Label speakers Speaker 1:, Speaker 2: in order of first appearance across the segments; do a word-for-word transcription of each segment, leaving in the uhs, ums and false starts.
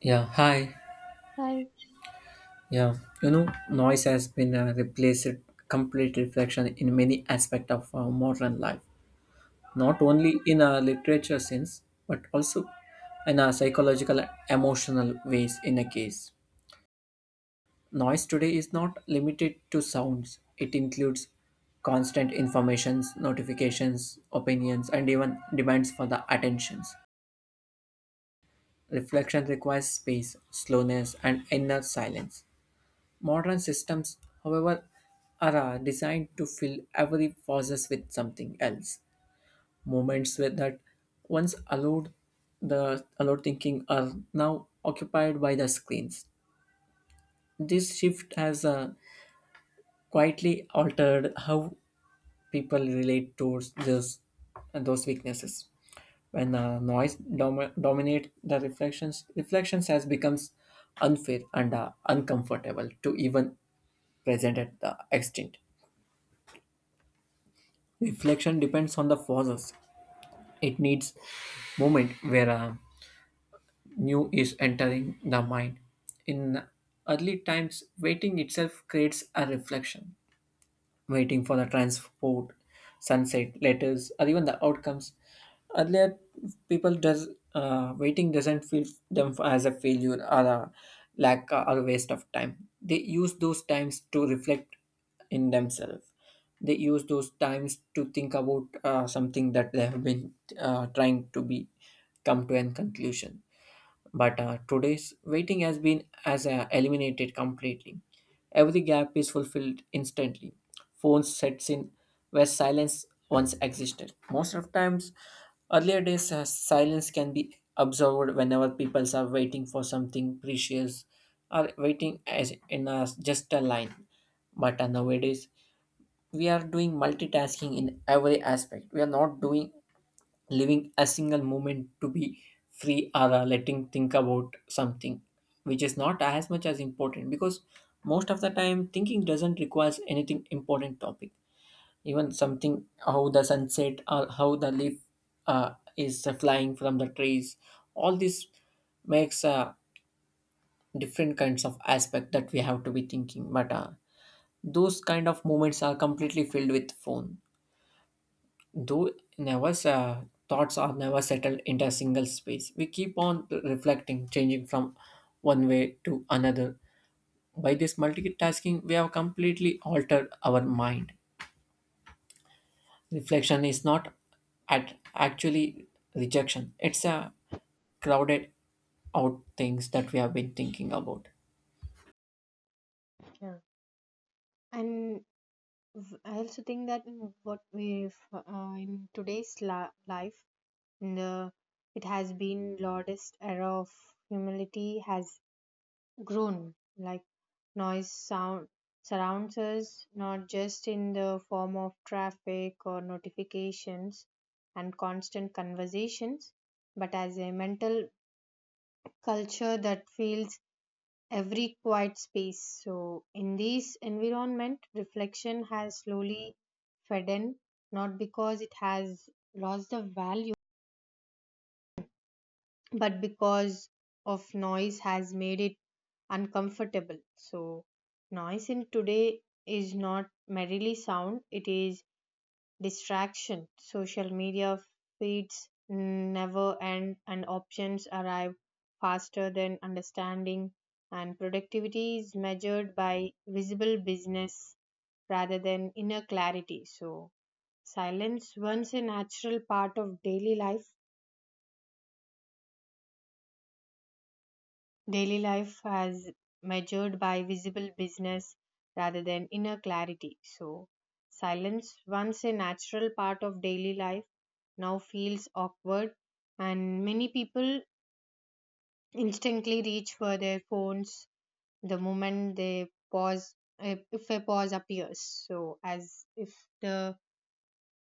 Speaker 1: Yeah, hi.
Speaker 2: Hi.
Speaker 1: Yeah, you know, noise has been uh, replaced complete reflection in many aspects of uh, modern life, not
Speaker 2: Yeah,
Speaker 1: only in a literature sense, but also in a psychological, and emotional ways. In a case, noise today is not limited to sounds; it includes constant informations, notifications, opinions, and even demands for the attentions. Reflection requires space, slowness, and inner silence. Modern systems, however, are uh, designed to fill every pauses with something else. Moments where that once allowed the allowed thinking are now occupied by the screens. This shift has uh, quietly altered how people relate towards this, those weaknesses. When uh, noise dom- dominate the reflections, reflections has becomes unfair and uh, uncomfortable to even present at the extent. Reflection depends on the forces. It needs moment where a new is entering the mind. In early times, waiting itself creates a reflection waiting for the transport, sunset, letters, or even the outcomes. Earlier, people does uh, waiting doesn't feel them as a failure or a lack or a waste of time. They use those times to reflect in themselves. They use those times to think about uh, something that they have been uh, trying to be come to an conclusion but uh, today's waiting has been as uh, eliminated completely. Every gap is fulfilled instantly. Phones sets in where silence once existed. Most of times, earlier days, uh, silence can be observed whenever people are waiting for something precious or waiting as in a, just a line. But uh, nowadays, we are doing multitasking in every aspect. We are not doing living a single moment to be free or uh, letting think about something which is not as much as important, because most of the time thinking doesn't require anything important topic, even something how the sunset or how the leaf uh, is uh, flying from the trees. All this makes uh, different kinds of aspect that we have to be thinking, but uh, those kind of moments are completely filled with phone, though never uh, thoughts are never settled into a single space. We keep on reflecting, changing from one way to another. By this multitasking we have completely altered our mind. Reflection is not at actually rejection, it's a crowded out things that we have been thinking about.
Speaker 2: yeah, and v- I also think that in what we f- uh, in today's la- life, in the it has been loudest era of humility has grown. Like noise sound surrounds us, not just in the form of traffic or notifications and constant conversations, but as a mental culture that feels every quiet space. So, in this environment, reflection has slowly fed in, not because it has lost the value, but because of noise has made it uncomfortable. So, noise in today is not merely sound, it is distraction. Social media feeds never end, and options arrive faster than understanding. And productivity is measured by visible business rather than inner clarity. So, silence, once a natural part of daily life, daily life has measured by visible business rather than inner clarity. So, silence, once a natural part of daily life, now feels awkward, and many people instantly reach for their phones the moment they pause, if if a pause appears. So, as if the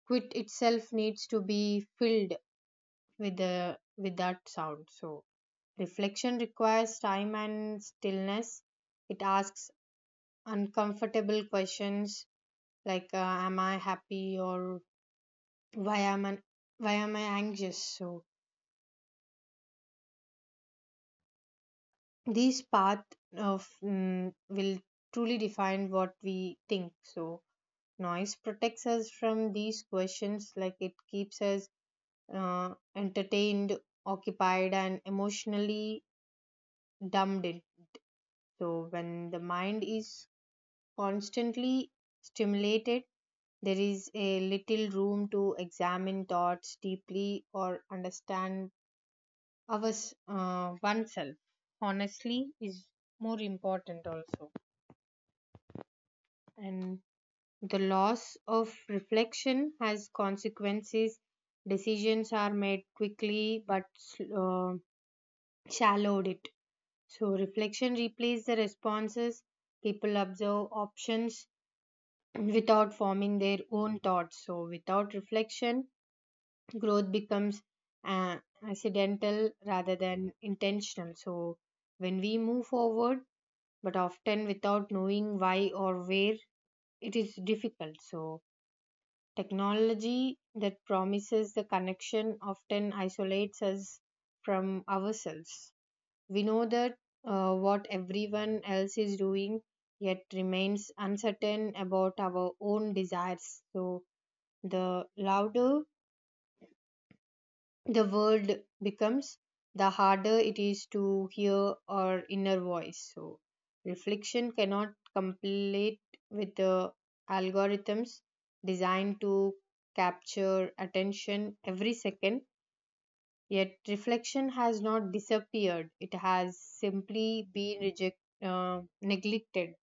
Speaker 2: quit itself needs to be filled with the with that sound. So, reflection requires time and stillness. It asks uncomfortable questions like uh, am I happy, or why am i why am I anxious? So these path of mm, will truly define what we think. So noise protects us from these questions, like it keeps us uh, entertained, occupied, and emotionally dumbed in. So when the mind is constantly stimulated, there is a little room to examine thoughts deeply or understand ours, uh, oneself. Honestly, is more important also. And the loss of reflection has consequences. Decisions are made quickly but uh, shallowed it. So, reflection replaces the responses. People observe options without forming their own thoughts. So, without reflection, growth becomes uh, accidental rather than intentional. So, when we move forward, but often without knowing why or where, it is difficult. So, technology that promises the connection often isolates us from ourselves. We know that uh, what everyone else is doing, yet remains uncertain about our own desires. So, the louder the world becomes, the harder it is to hear our inner voice. So, reflection cannot complete with the algorithms designed to capture attention every second, yet, reflection has not disappeared. It has simply been reject, uh, neglected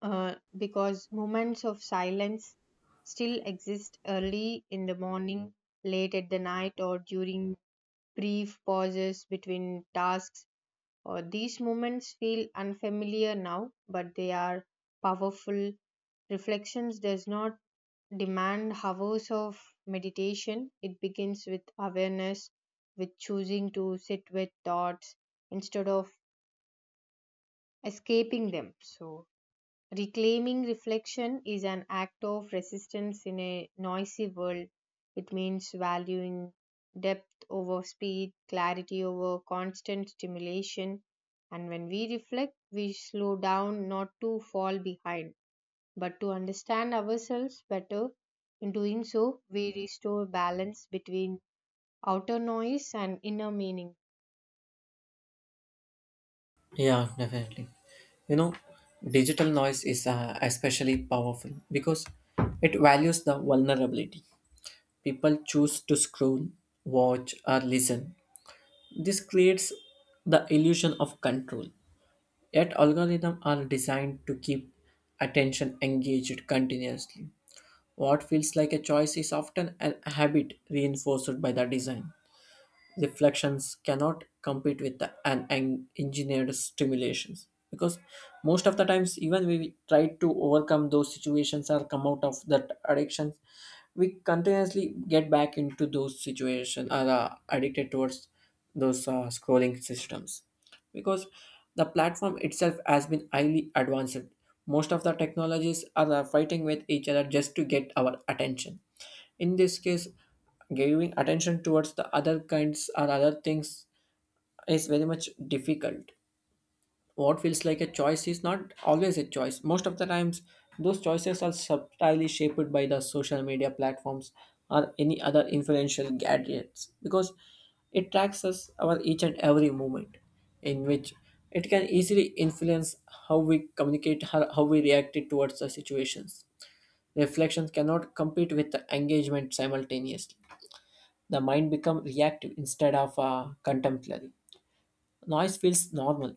Speaker 2: uh, because moments of silence still exist early in the morning, late at the night, or during brief pauses between tasks. Or these moments feel unfamiliar now, but they are powerful. Reflections does not demand hours of meditation. It begins with awareness, with choosing to sit with thoughts instead of escaping them. So reclaiming reflection is an act of resistance in a noisy world. It means valuing depth over speed, clarity over constant stimulation. And when we reflect, we slow down not to fall behind, but to understand ourselves better. In doing so, we restore balance between outer noise and inner meaning.
Speaker 1: Yeah, definitely. You know, digital noise is uh, especially powerful because it values the vulnerability. People choose to scroll, watch, or listen. This creates the illusion of control. Yet algorithms are designed to keep attention engaged continuously. What feels like a choice is often a habit reinforced by the design. Reflections cannot compete with the, an, en- engineered stimulations, because most of the times even we try to overcome those situations or come out of that addiction, we continuously get back into those situations, are uh, addicted towards those uh, scrolling systems, because the platform itself has been highly advanced. Most of the technologies are uh, fighting with each other just to get our attention. In this case, giving attention towards the other kinds or other things is very much difficult. What feels like a choice is not always a choice. Most of the times, those choices are subtly shaped by the social media platforms or any other influential gadgets, because it tracks us our each and every moment, in which it can easily influence how we communicate, how how we react towards the situations. Reflections cannot compete with the engagement simultaneously. The mind becomes reactive instead of uh, contemplative. Noise feels normal,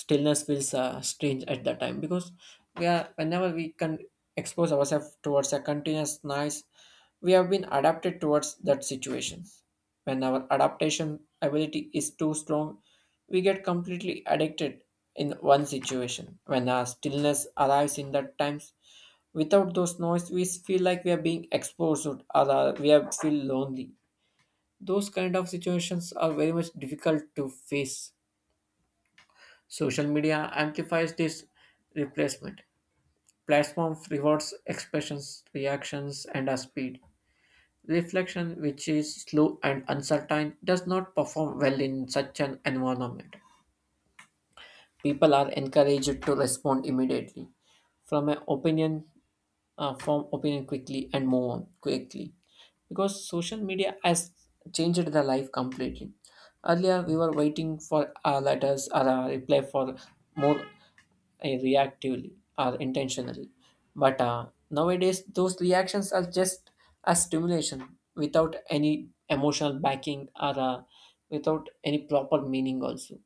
Speaker 1: stillness feels uh, strange at that time, because we are, whenever we can expose ourselves towards a continuous noise, we have been adapted towards that situation. When our adaptation ability is too strong we get completely addicted in one situation. When our stillness arrives, in that times without those noise we feel like we are being exposed, or uh, we are feel lonely. Those kind of situations are very much difficult to face. Social media amplifies this replacement. Platform rewards expressions, reactions, and a speed. Reflection, which is slow and uncertain, does not perform well in such an environment. People are encouraged to respond immediately from an opinion, uh, form opinion quickly and move on quickly, because social media has changed the life completely. Earlier, we were waiting for our letters or a reply for more eh, reactively or intentionally. But uh, nowadays, those reactions are just a stimulation without any emotional backing or uh, without any proper meaning, also.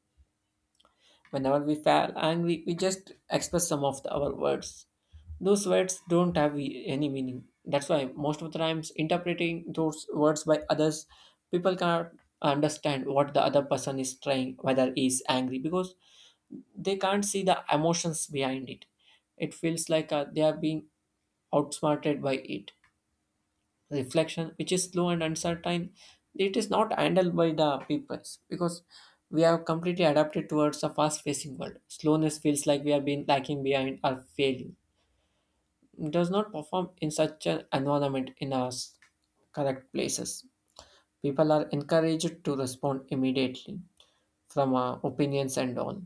Speaker 1: Whenever we feel angry, we just express some of the, our words. Those words don't have e- any meaning. That's why most of the times interpreting those words by others, people cannot understand what the other person is trying, whether he is angry, because they can't see the emotions behind it. It feels like uh, they are being outsmarted by it. Reflection, which is slow and uncertain, it is not handled by the peoples, because we have completely adapted towards a fast-facing world. Slowness feels like we have been lacking behind or failing. It does not perform in such an environment in our s- correct places. People are encouraged to respond immediately from uh, opinions and all.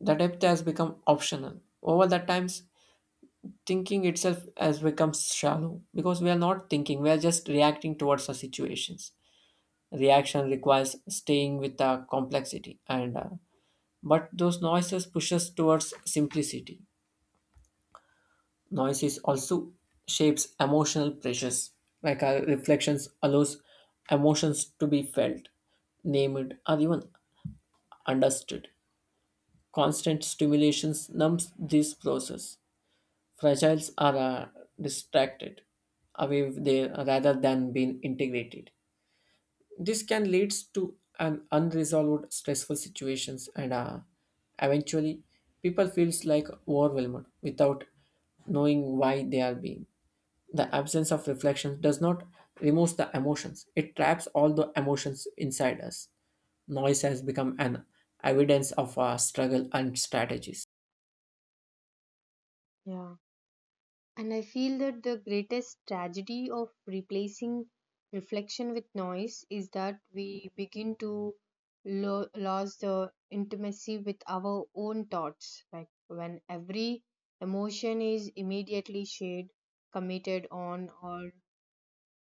Speaker 1: The depth has become optional. Over the times, thinking itself has become shallow, because we are not thinking, we are just reacting towards the situations. Reaction requires staying with the complexity and uh, but those noises push us towards simplicity. Noises also shapes emotional pressures, like our reflections allows emotions to be felt, named or even understood. Constant stimulations numbs this process. Fragiles are uh, distracted away there rather than being integrated. This can lead to an unresolved stressful situations and uh, eventually people feels like overwhelmed without knowing why they are being. The absence of reflection does not remove the emotions. It traps all the emotions inside us. Noise has become an evidence of our struggle and strategies.
Speaker 2: Yeah. And I feel that the greatest tragedy of replacing reflection with noise is that we begin to lo- lose the intimacy with our own thoughts. Like when every emotion is immediately shared, commented on, or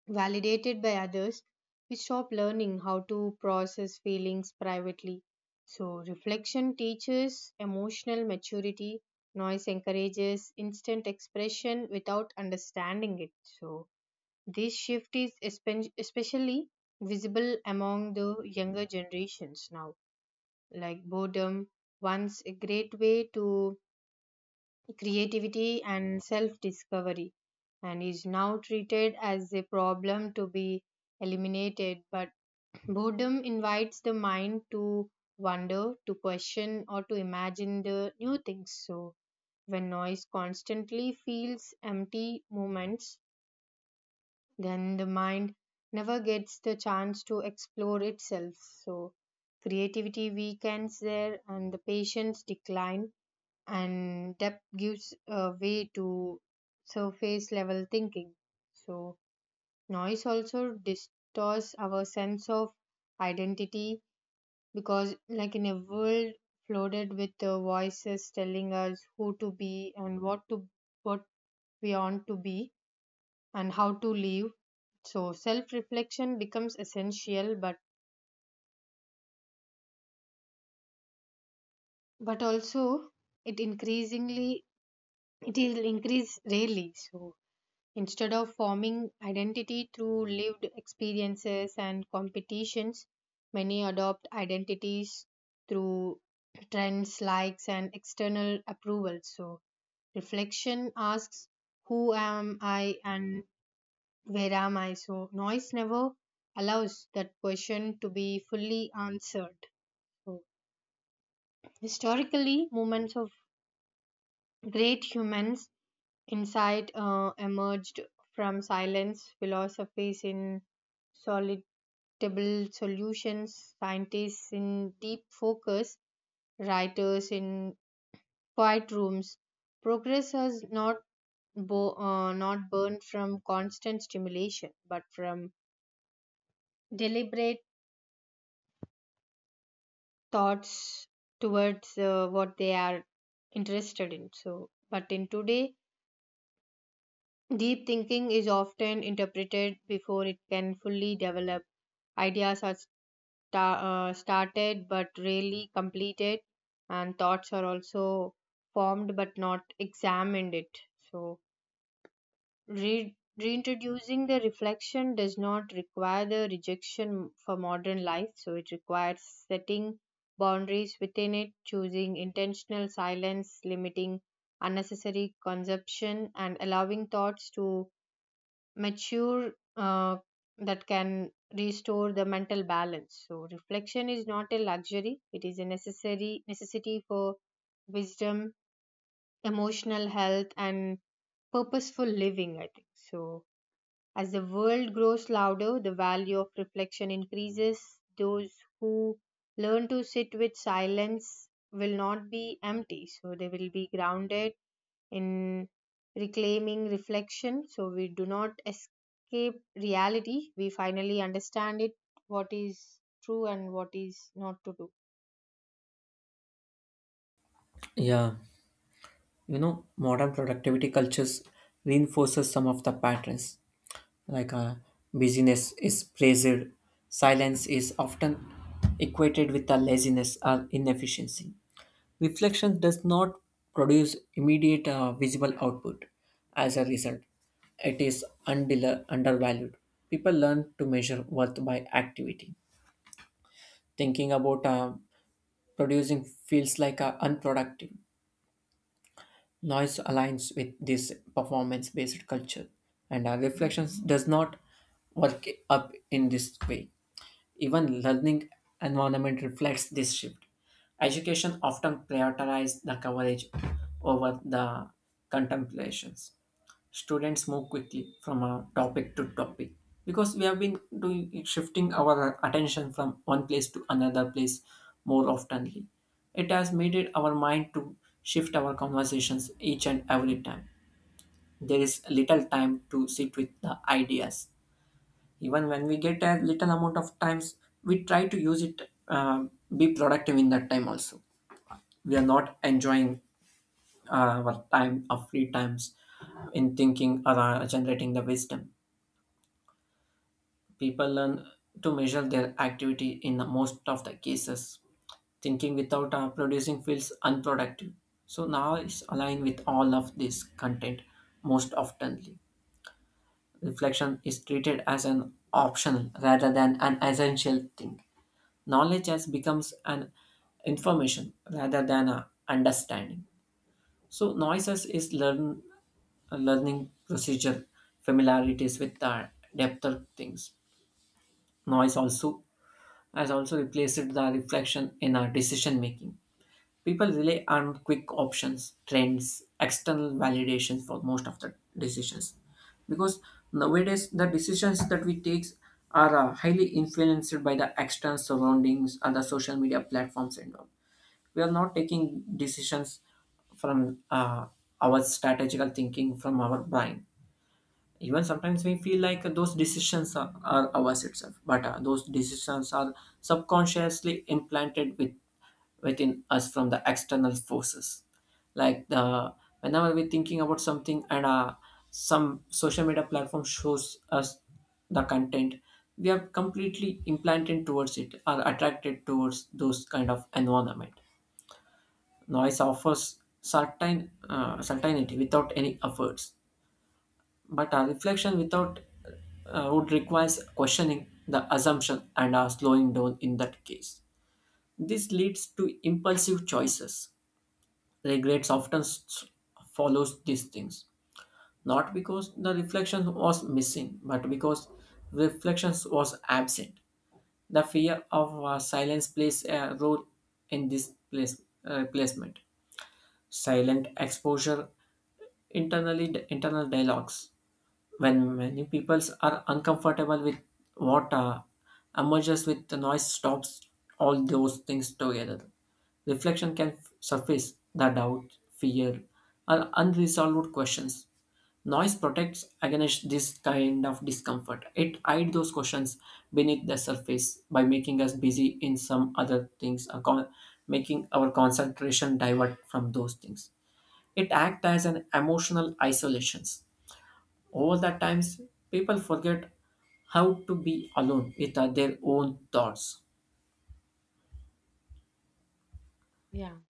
Speaker 2: validated by others, we stop learning how to process feelings privately. So, reflection teaches emotional maturity, noise encourages instant expression without understanding it. So, this shift is espe- especially visible among the younger generations now. Like boredom, once a great way to creativity and self discovery, and is now treated as a problem to be eliminated, but boredom invites the mind to wonder, to question, or to imagine the new things. So when noise constantly feels empty moments, then the mind never gets the chance to explore itself. So creativity weakens there, and the patience decline, and depth gives uh, way to surface level thinking. So, noise also distorts our sense of identity because, like in a world flooded with uh, voices telling us who to be and what to what we want to be and how to live, so self reflection becomes essential, but but also it increasingly it will increase really. So instead of forming identity through lived experiences and competitions, many adopt identities through trends, likes, and external approval. So, reflection asks, who am I and where am I? So, noise never allows that question to be fully answered. So, historically, moments of great humans insight uh, emerged from silence, philosophies in solitable solutions, scientists in deep focus, writers in quiet rooms. Progress has not, bo- uh, not burned from constant stimulation, but from deliberate thoughts towards uh, what they are interested in. So, but in today, deep thinking is often interpreted before it can fully develop. Ideas are sta- uh, started but rarely completed, and thoughts are also formed but not examined it. So, re- reintroducing the reflection does not require the rejection for modern life, so, it requires setting boundaries within it, choosing intentional silence, limiting unnecessary consumption, and allowing thoughts to mature uh, that can restore the mental balance. So reflection is not a luxury, it is a necessary necessity for wisdom, emotional health, and purposeful living, I think. So as the world grows louder, the value of reflection increases. Those who learn to sit with silence will not be empty, so they will be grounded in reclaiming reflection. So we do not escape reality, we finally understand it, what is true and what is not to do.
Speaker 1: Yeah. You know, modern productivity cultures reinforces some of the patterns, like uh, busyness is praised, silence is often equated with the laziness or inefficiency. Reflection does not produce immediate uh, visible output. As a result it is undel- undervalued. People learn to measure worth by activity. Thinking about uh, producing feels like uh, unproductive. Noise aligns with this performance based culture, and our reflections does not work up in this way. Even learning environment reflects this shift. Education often prioritizes the coverage over the contemplations. Students move quickly from uh, topic to topic, because we have been doing shifting our attention from one place to another place more oftenly. It has made it our mind to shift our conversations each and every time. There is little time to sit with the ideas. Even when we get a little amount of times we try to use it um, be productive in that time also. We are not enjoying uh, our time of free times in thinking or uh, generating the wisdom. People learn to measure their activity in the most of the cases. Thinking without uh, producing feels unproductive. So now it's aligned with all of this content most oftenly. Reflection is treated as an optional rather than an essential thing. Knowledge has becomes an information rather than a understanding. So noises is learn a learning procedure, familiarities with the depth of things. Noise also has also replaced the reflection in our decision making. People rely on quick options, trends, external validations for most of the decisions. Because nowadays the decisions that we take are uh, highly influenced by the external surroundings and the social media platforms and all. We are not taking decisions from uh, our strategical thinking from our brain. Even sometimes we feel like those decisions are, are ours itself, but uh, those decisions are subconsciously implanted with within us from the external forces, like the, whenever we're thinking about something and uh, some social media platform shows us the content, we are completely implanted towards it or attracted towards those kind of environment. Noise offers certain uh, certainty without any efforts, but a reflection without uh, would requires questioning the assumption and a slowing down in that case. This leads to impulsive choices. Regrets often s- follows these things, not because the reflection was missing, but because reflections was absent. The fear of uh, silence plays a role in this place, uh, placement. Silent exposure, internally internal dialogues. When many peoples are uncomfortable with what uh, emerges with the noise stops all those things together. Reflection can f- surface the doubt, fear, or unresolved questions. Noise protects against this kind of discomfort. It hides those questions beneath the surface by making us busy in some other things, or con- making our concentration divert from those things. It acts as an emotional isolation. All the times, people forget how to be alone with uh, their own thoughts.
Speaker 2: Yeah.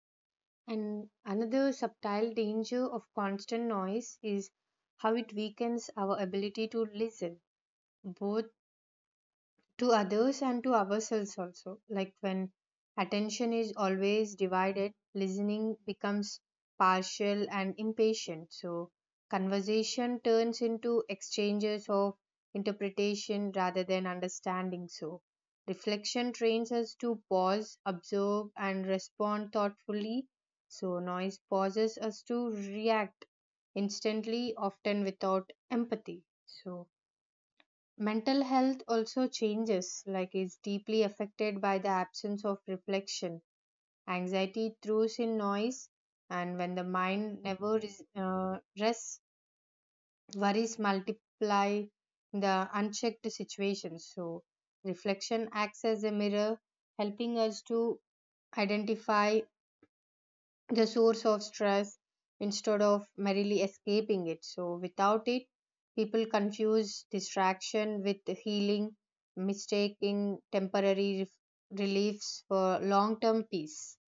Speaker 2: And another subtle danger of constant noise is how it weakens our ability to listen, both to others and to ourselves also. Like when attention is always divided, listening becomes partial and impatient. So, conversation turns into exchanges of interpretation rather than understanding. So, reflection trains us to pause, observe, and respond thoughtfully. So, noise pauses us to react instantly, often without empathy. So, mental health also changes, like is deeply affected by the absence of reflection. Anxiety throws in noise, and when the mind never is, uh, rests, worries multiply the unchecked situations. So, reflection acts as a mirror, helping us to identify the source of stress instead of merely escaping it. So, without it, people confuse distraction with healing, mistaking temporary ref- reliefs for long term peace.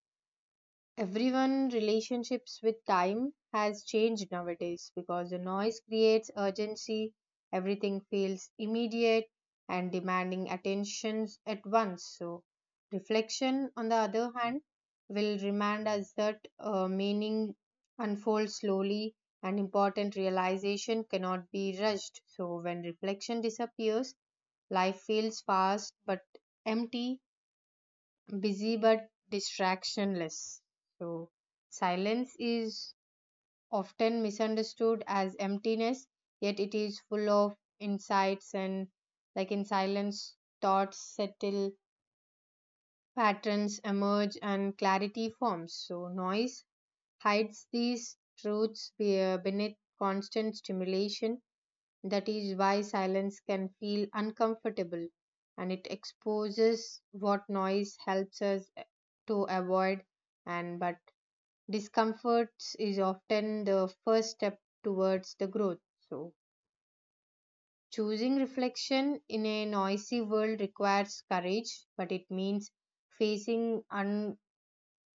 Speaker 2: Everyone relationships with time has changed nowadays because the noise creates urgency. Everything feels immediate and demanding attentions at once. So reflection, on the other hand, will remind us that uh, meaning unfolds slowly, and important realization cannot be rushed. So when reflection disappears, life feels fast but empty, busy but distractionless. So, silence is often misunderstood as emptiness, yet it is full of insights. And like in silence, thoughts settle, patterns emerge, and clarity forms. So, noise hides these truths be- beneath constant stimulation. That is why silence can feel uncomfortable, and it exposes what noise helps us eh, to avoid. And but discomfort is often the first step towards the growth. So choosing reflection in a noisy world requires courage, but it means facing un-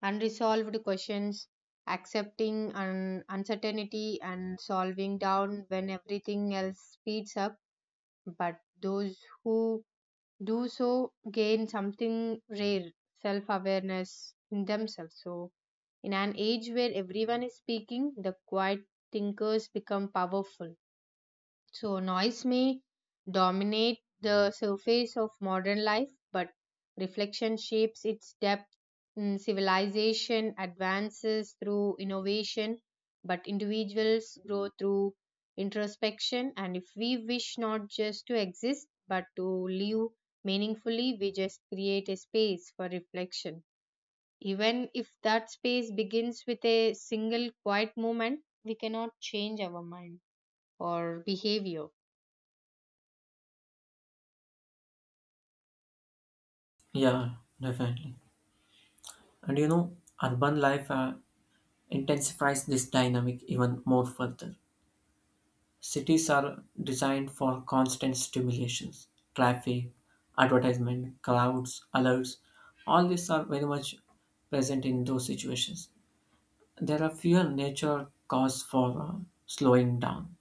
Speaker 2: unresolved questions, accepting un- uncertainty, and solving down when everything else speeds up. But those who do so gain something rare, self awareness in themselves. So, in an age where everyone is speaking, the quiet thinkers become powerful. So, noise may dominate the surface of modern life, but reflection shapes its depth. Mm, Civilization advances through innovation, but individuals grow through introspection. And if we wish not just to exist, but to live meaningfully, we just create a space for reflection. Even if that space begins with a single quiet moment, we cannot change our mind or behavior.
Speaker 1: Yeah, definitely. And you know, urban life uh, intensifies this dynamic even more further. Cities are designed for constant stimulations, traffic, advertisement, crowds, alerts. All these are very much present in those situations. There are fewer nature cause for uh, slowing down.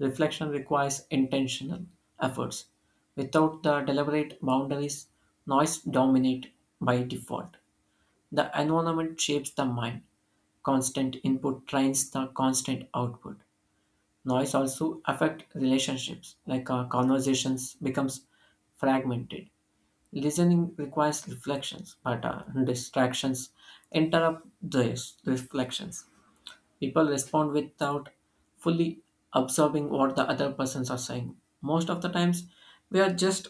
Speaker 1: Reflection requires intentional efforts. Without the deliberate boundaries, noise dominates by default. The environment shapes the mind. Constant input trains the constant output. Noise also affects relationships, like uh, conversations becomes fragmented. Listening requires reflections, but uh, distractions interrupt these reflections. People respond without fully absorbing what the other persons are saying. Most of the times, we are just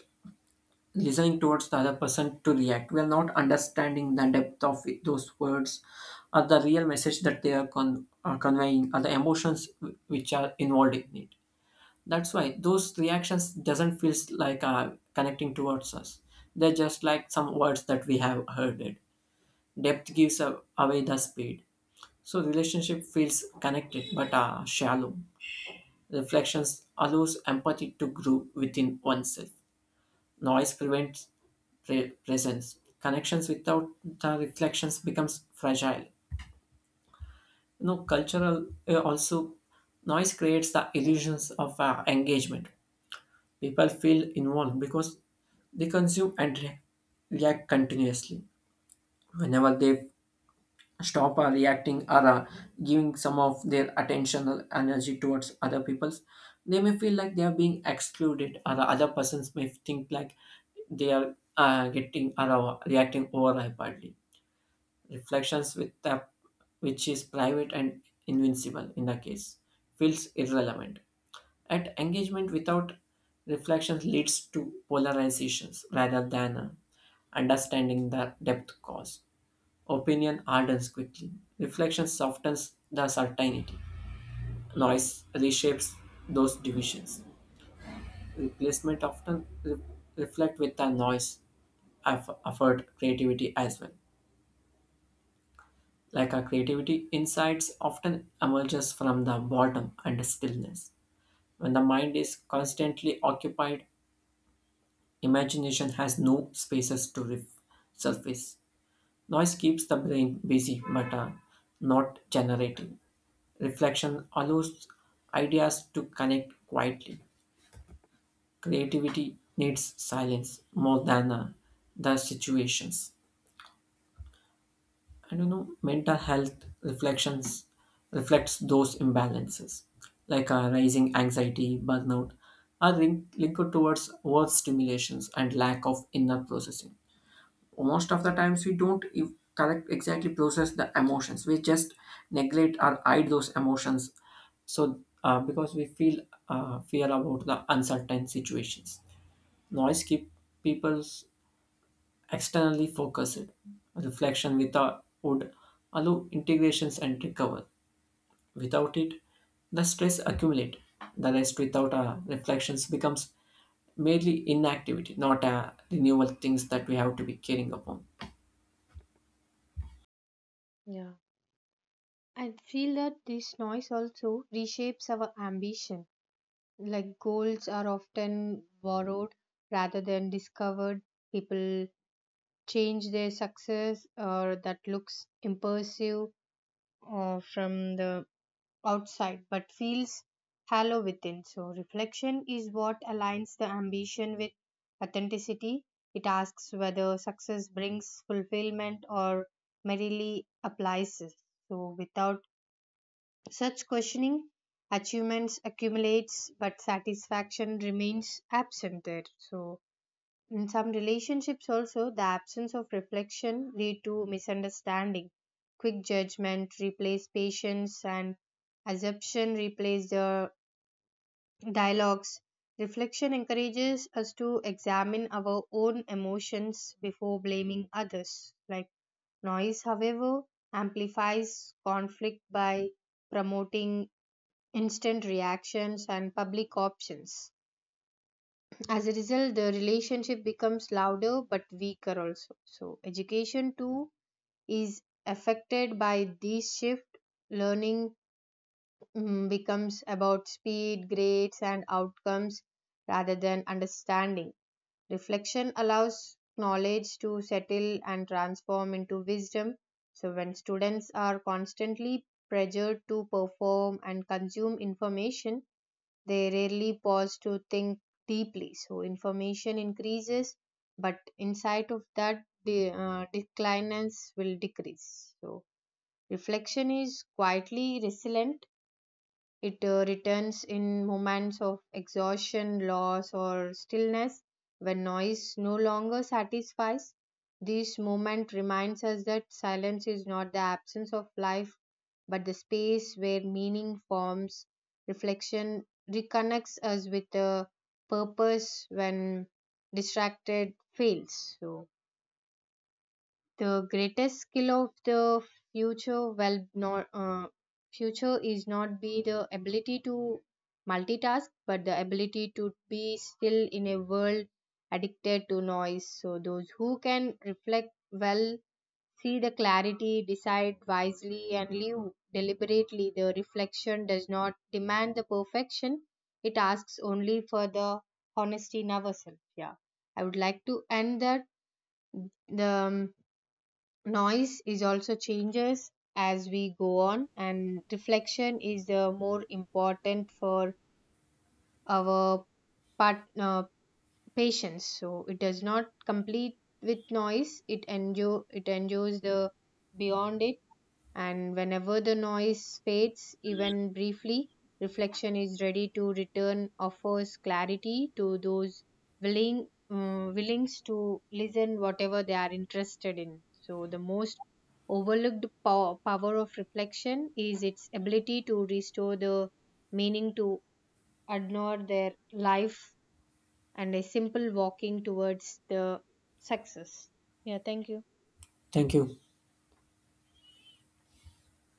Speaker 1: listening towards the other person to react. We are not understanding the depth of it- those words or the real message that they are con- are conveying or the emotions wh- which are involved in it. That's why those reactions doesn't feel like uh, connecting towards us. They're just like some words that we have heard it. Depth gives a- away the speed. So relationship feels connected but are shallow. Reflections allows empathy to grow within oneself. Noise prevents pre- presence. Connections without the reflections becomes fragile. You know, cultural uh, also noise creates the illusions of uh, engagement. People feel involved because they consume and re- react continuously. Whenever they stop uh, reacting or uh, giving some of their attentional energy towards other people's, they may feel like they are being excluded or other persons may think like they are uh, getting or uh, reacting overhyperly. Reflections with the, which is private and invincible in the case, feels irrelevant. At engagement without reflections leads to polarizations rather than uh, understanding the depth cause. Opinion hardens quickly. Reflection softens the certainty. Noise reshapes those divisions. Replacement often re- reflect with the noise, eff- effort, creativity as well. Like our creativity, insights often emerges from the bottom and stillness. When the mind is constantly occupied, imagination has no spaces to re- surface. Noise keeps the brain busy but uh, not generating. Reflection allows ideas to connect quietly. Creativity needs silence more than uh, the situations. And you know, mental health reflections reflects those imbalances, like uh, rising anxiety, burnout, are link- linked towards over stimulations and lack of inner processing. Most of the times we don't e- correct exactly process the emotions, we just neglect or hide those emotions, so uh, because we feel uh, fear about the uncertain situations. Noise keep people externally focused. Reflection without would allow integrations and recover. Without it the stress accumulate. The rest without uh, reflections becomes merely inactivity, not a renewal things that we have to be caring upon.
Speaker 2: Yeah. I feel that this noise also reshapes our ambition. Like goals are often borrowed rather than discovered. People change their success or that looks impressive uh, from the outside but feels hollow within. So, reflection is what aligns the ambition with authenticity. It asks whether success brings fulfillment or merely applies it. So, without such questioning, achievements accumulates but satisfaction remains absent there. So in some relationships also the absence of reflection lead to misunderstanding. Quick judgment replace patience, and assumption replace the dialogues. Reflection encourages us to examine our own emotions before blaming others. Like noise, however, amplifies conflict by promoting instant reactions, and public options. As a result, the relationship becomes louder but weaker also. So, education too is affected by this shift. Learning mm, becomes about speed, grades, and outcomes rather than understanding. Reflection allows knowledge to settle and transform into wisdom. So, when students are constantly pressured to perform and consume information, they rarely pause to think deeply. So information increases, but insight of that de- uh, declines will decrease. So reflection is quietly resilient. It uh, returns in moments of exhaustion, loss, or stillness, when noise no longer satisfies. This moment reminds us that silence is not the absence of life, but the space where meaning forms. Reflection reconnects us with a purpose when distracted fails. So, the greatest skill of the future well not uh, future is not be the ability to multitask, but the ability to be still in a world addicted to noise. So those who can reflect well see the clarity, decide wisely, and live deliberately. The reflection does not demand the perfection, it asks only for the honesty in ourselves. Yeah, I would like to end that the um, noise is also changes as we go on, and reflection is the more important for our part, uh, patience. So it does not complete with noise, it endure it endures the beyond it. And whenever the noise fades, even briefly, reflection is ready to return, offers clarity to those willing um, willings to listen whatever they are interested in. So the most overlooked pow- power of reflection is its ability to restore the meaning to adorn their life, and a simple walking towards the success. Yeah, thank you.
Speaker 1: Thank you.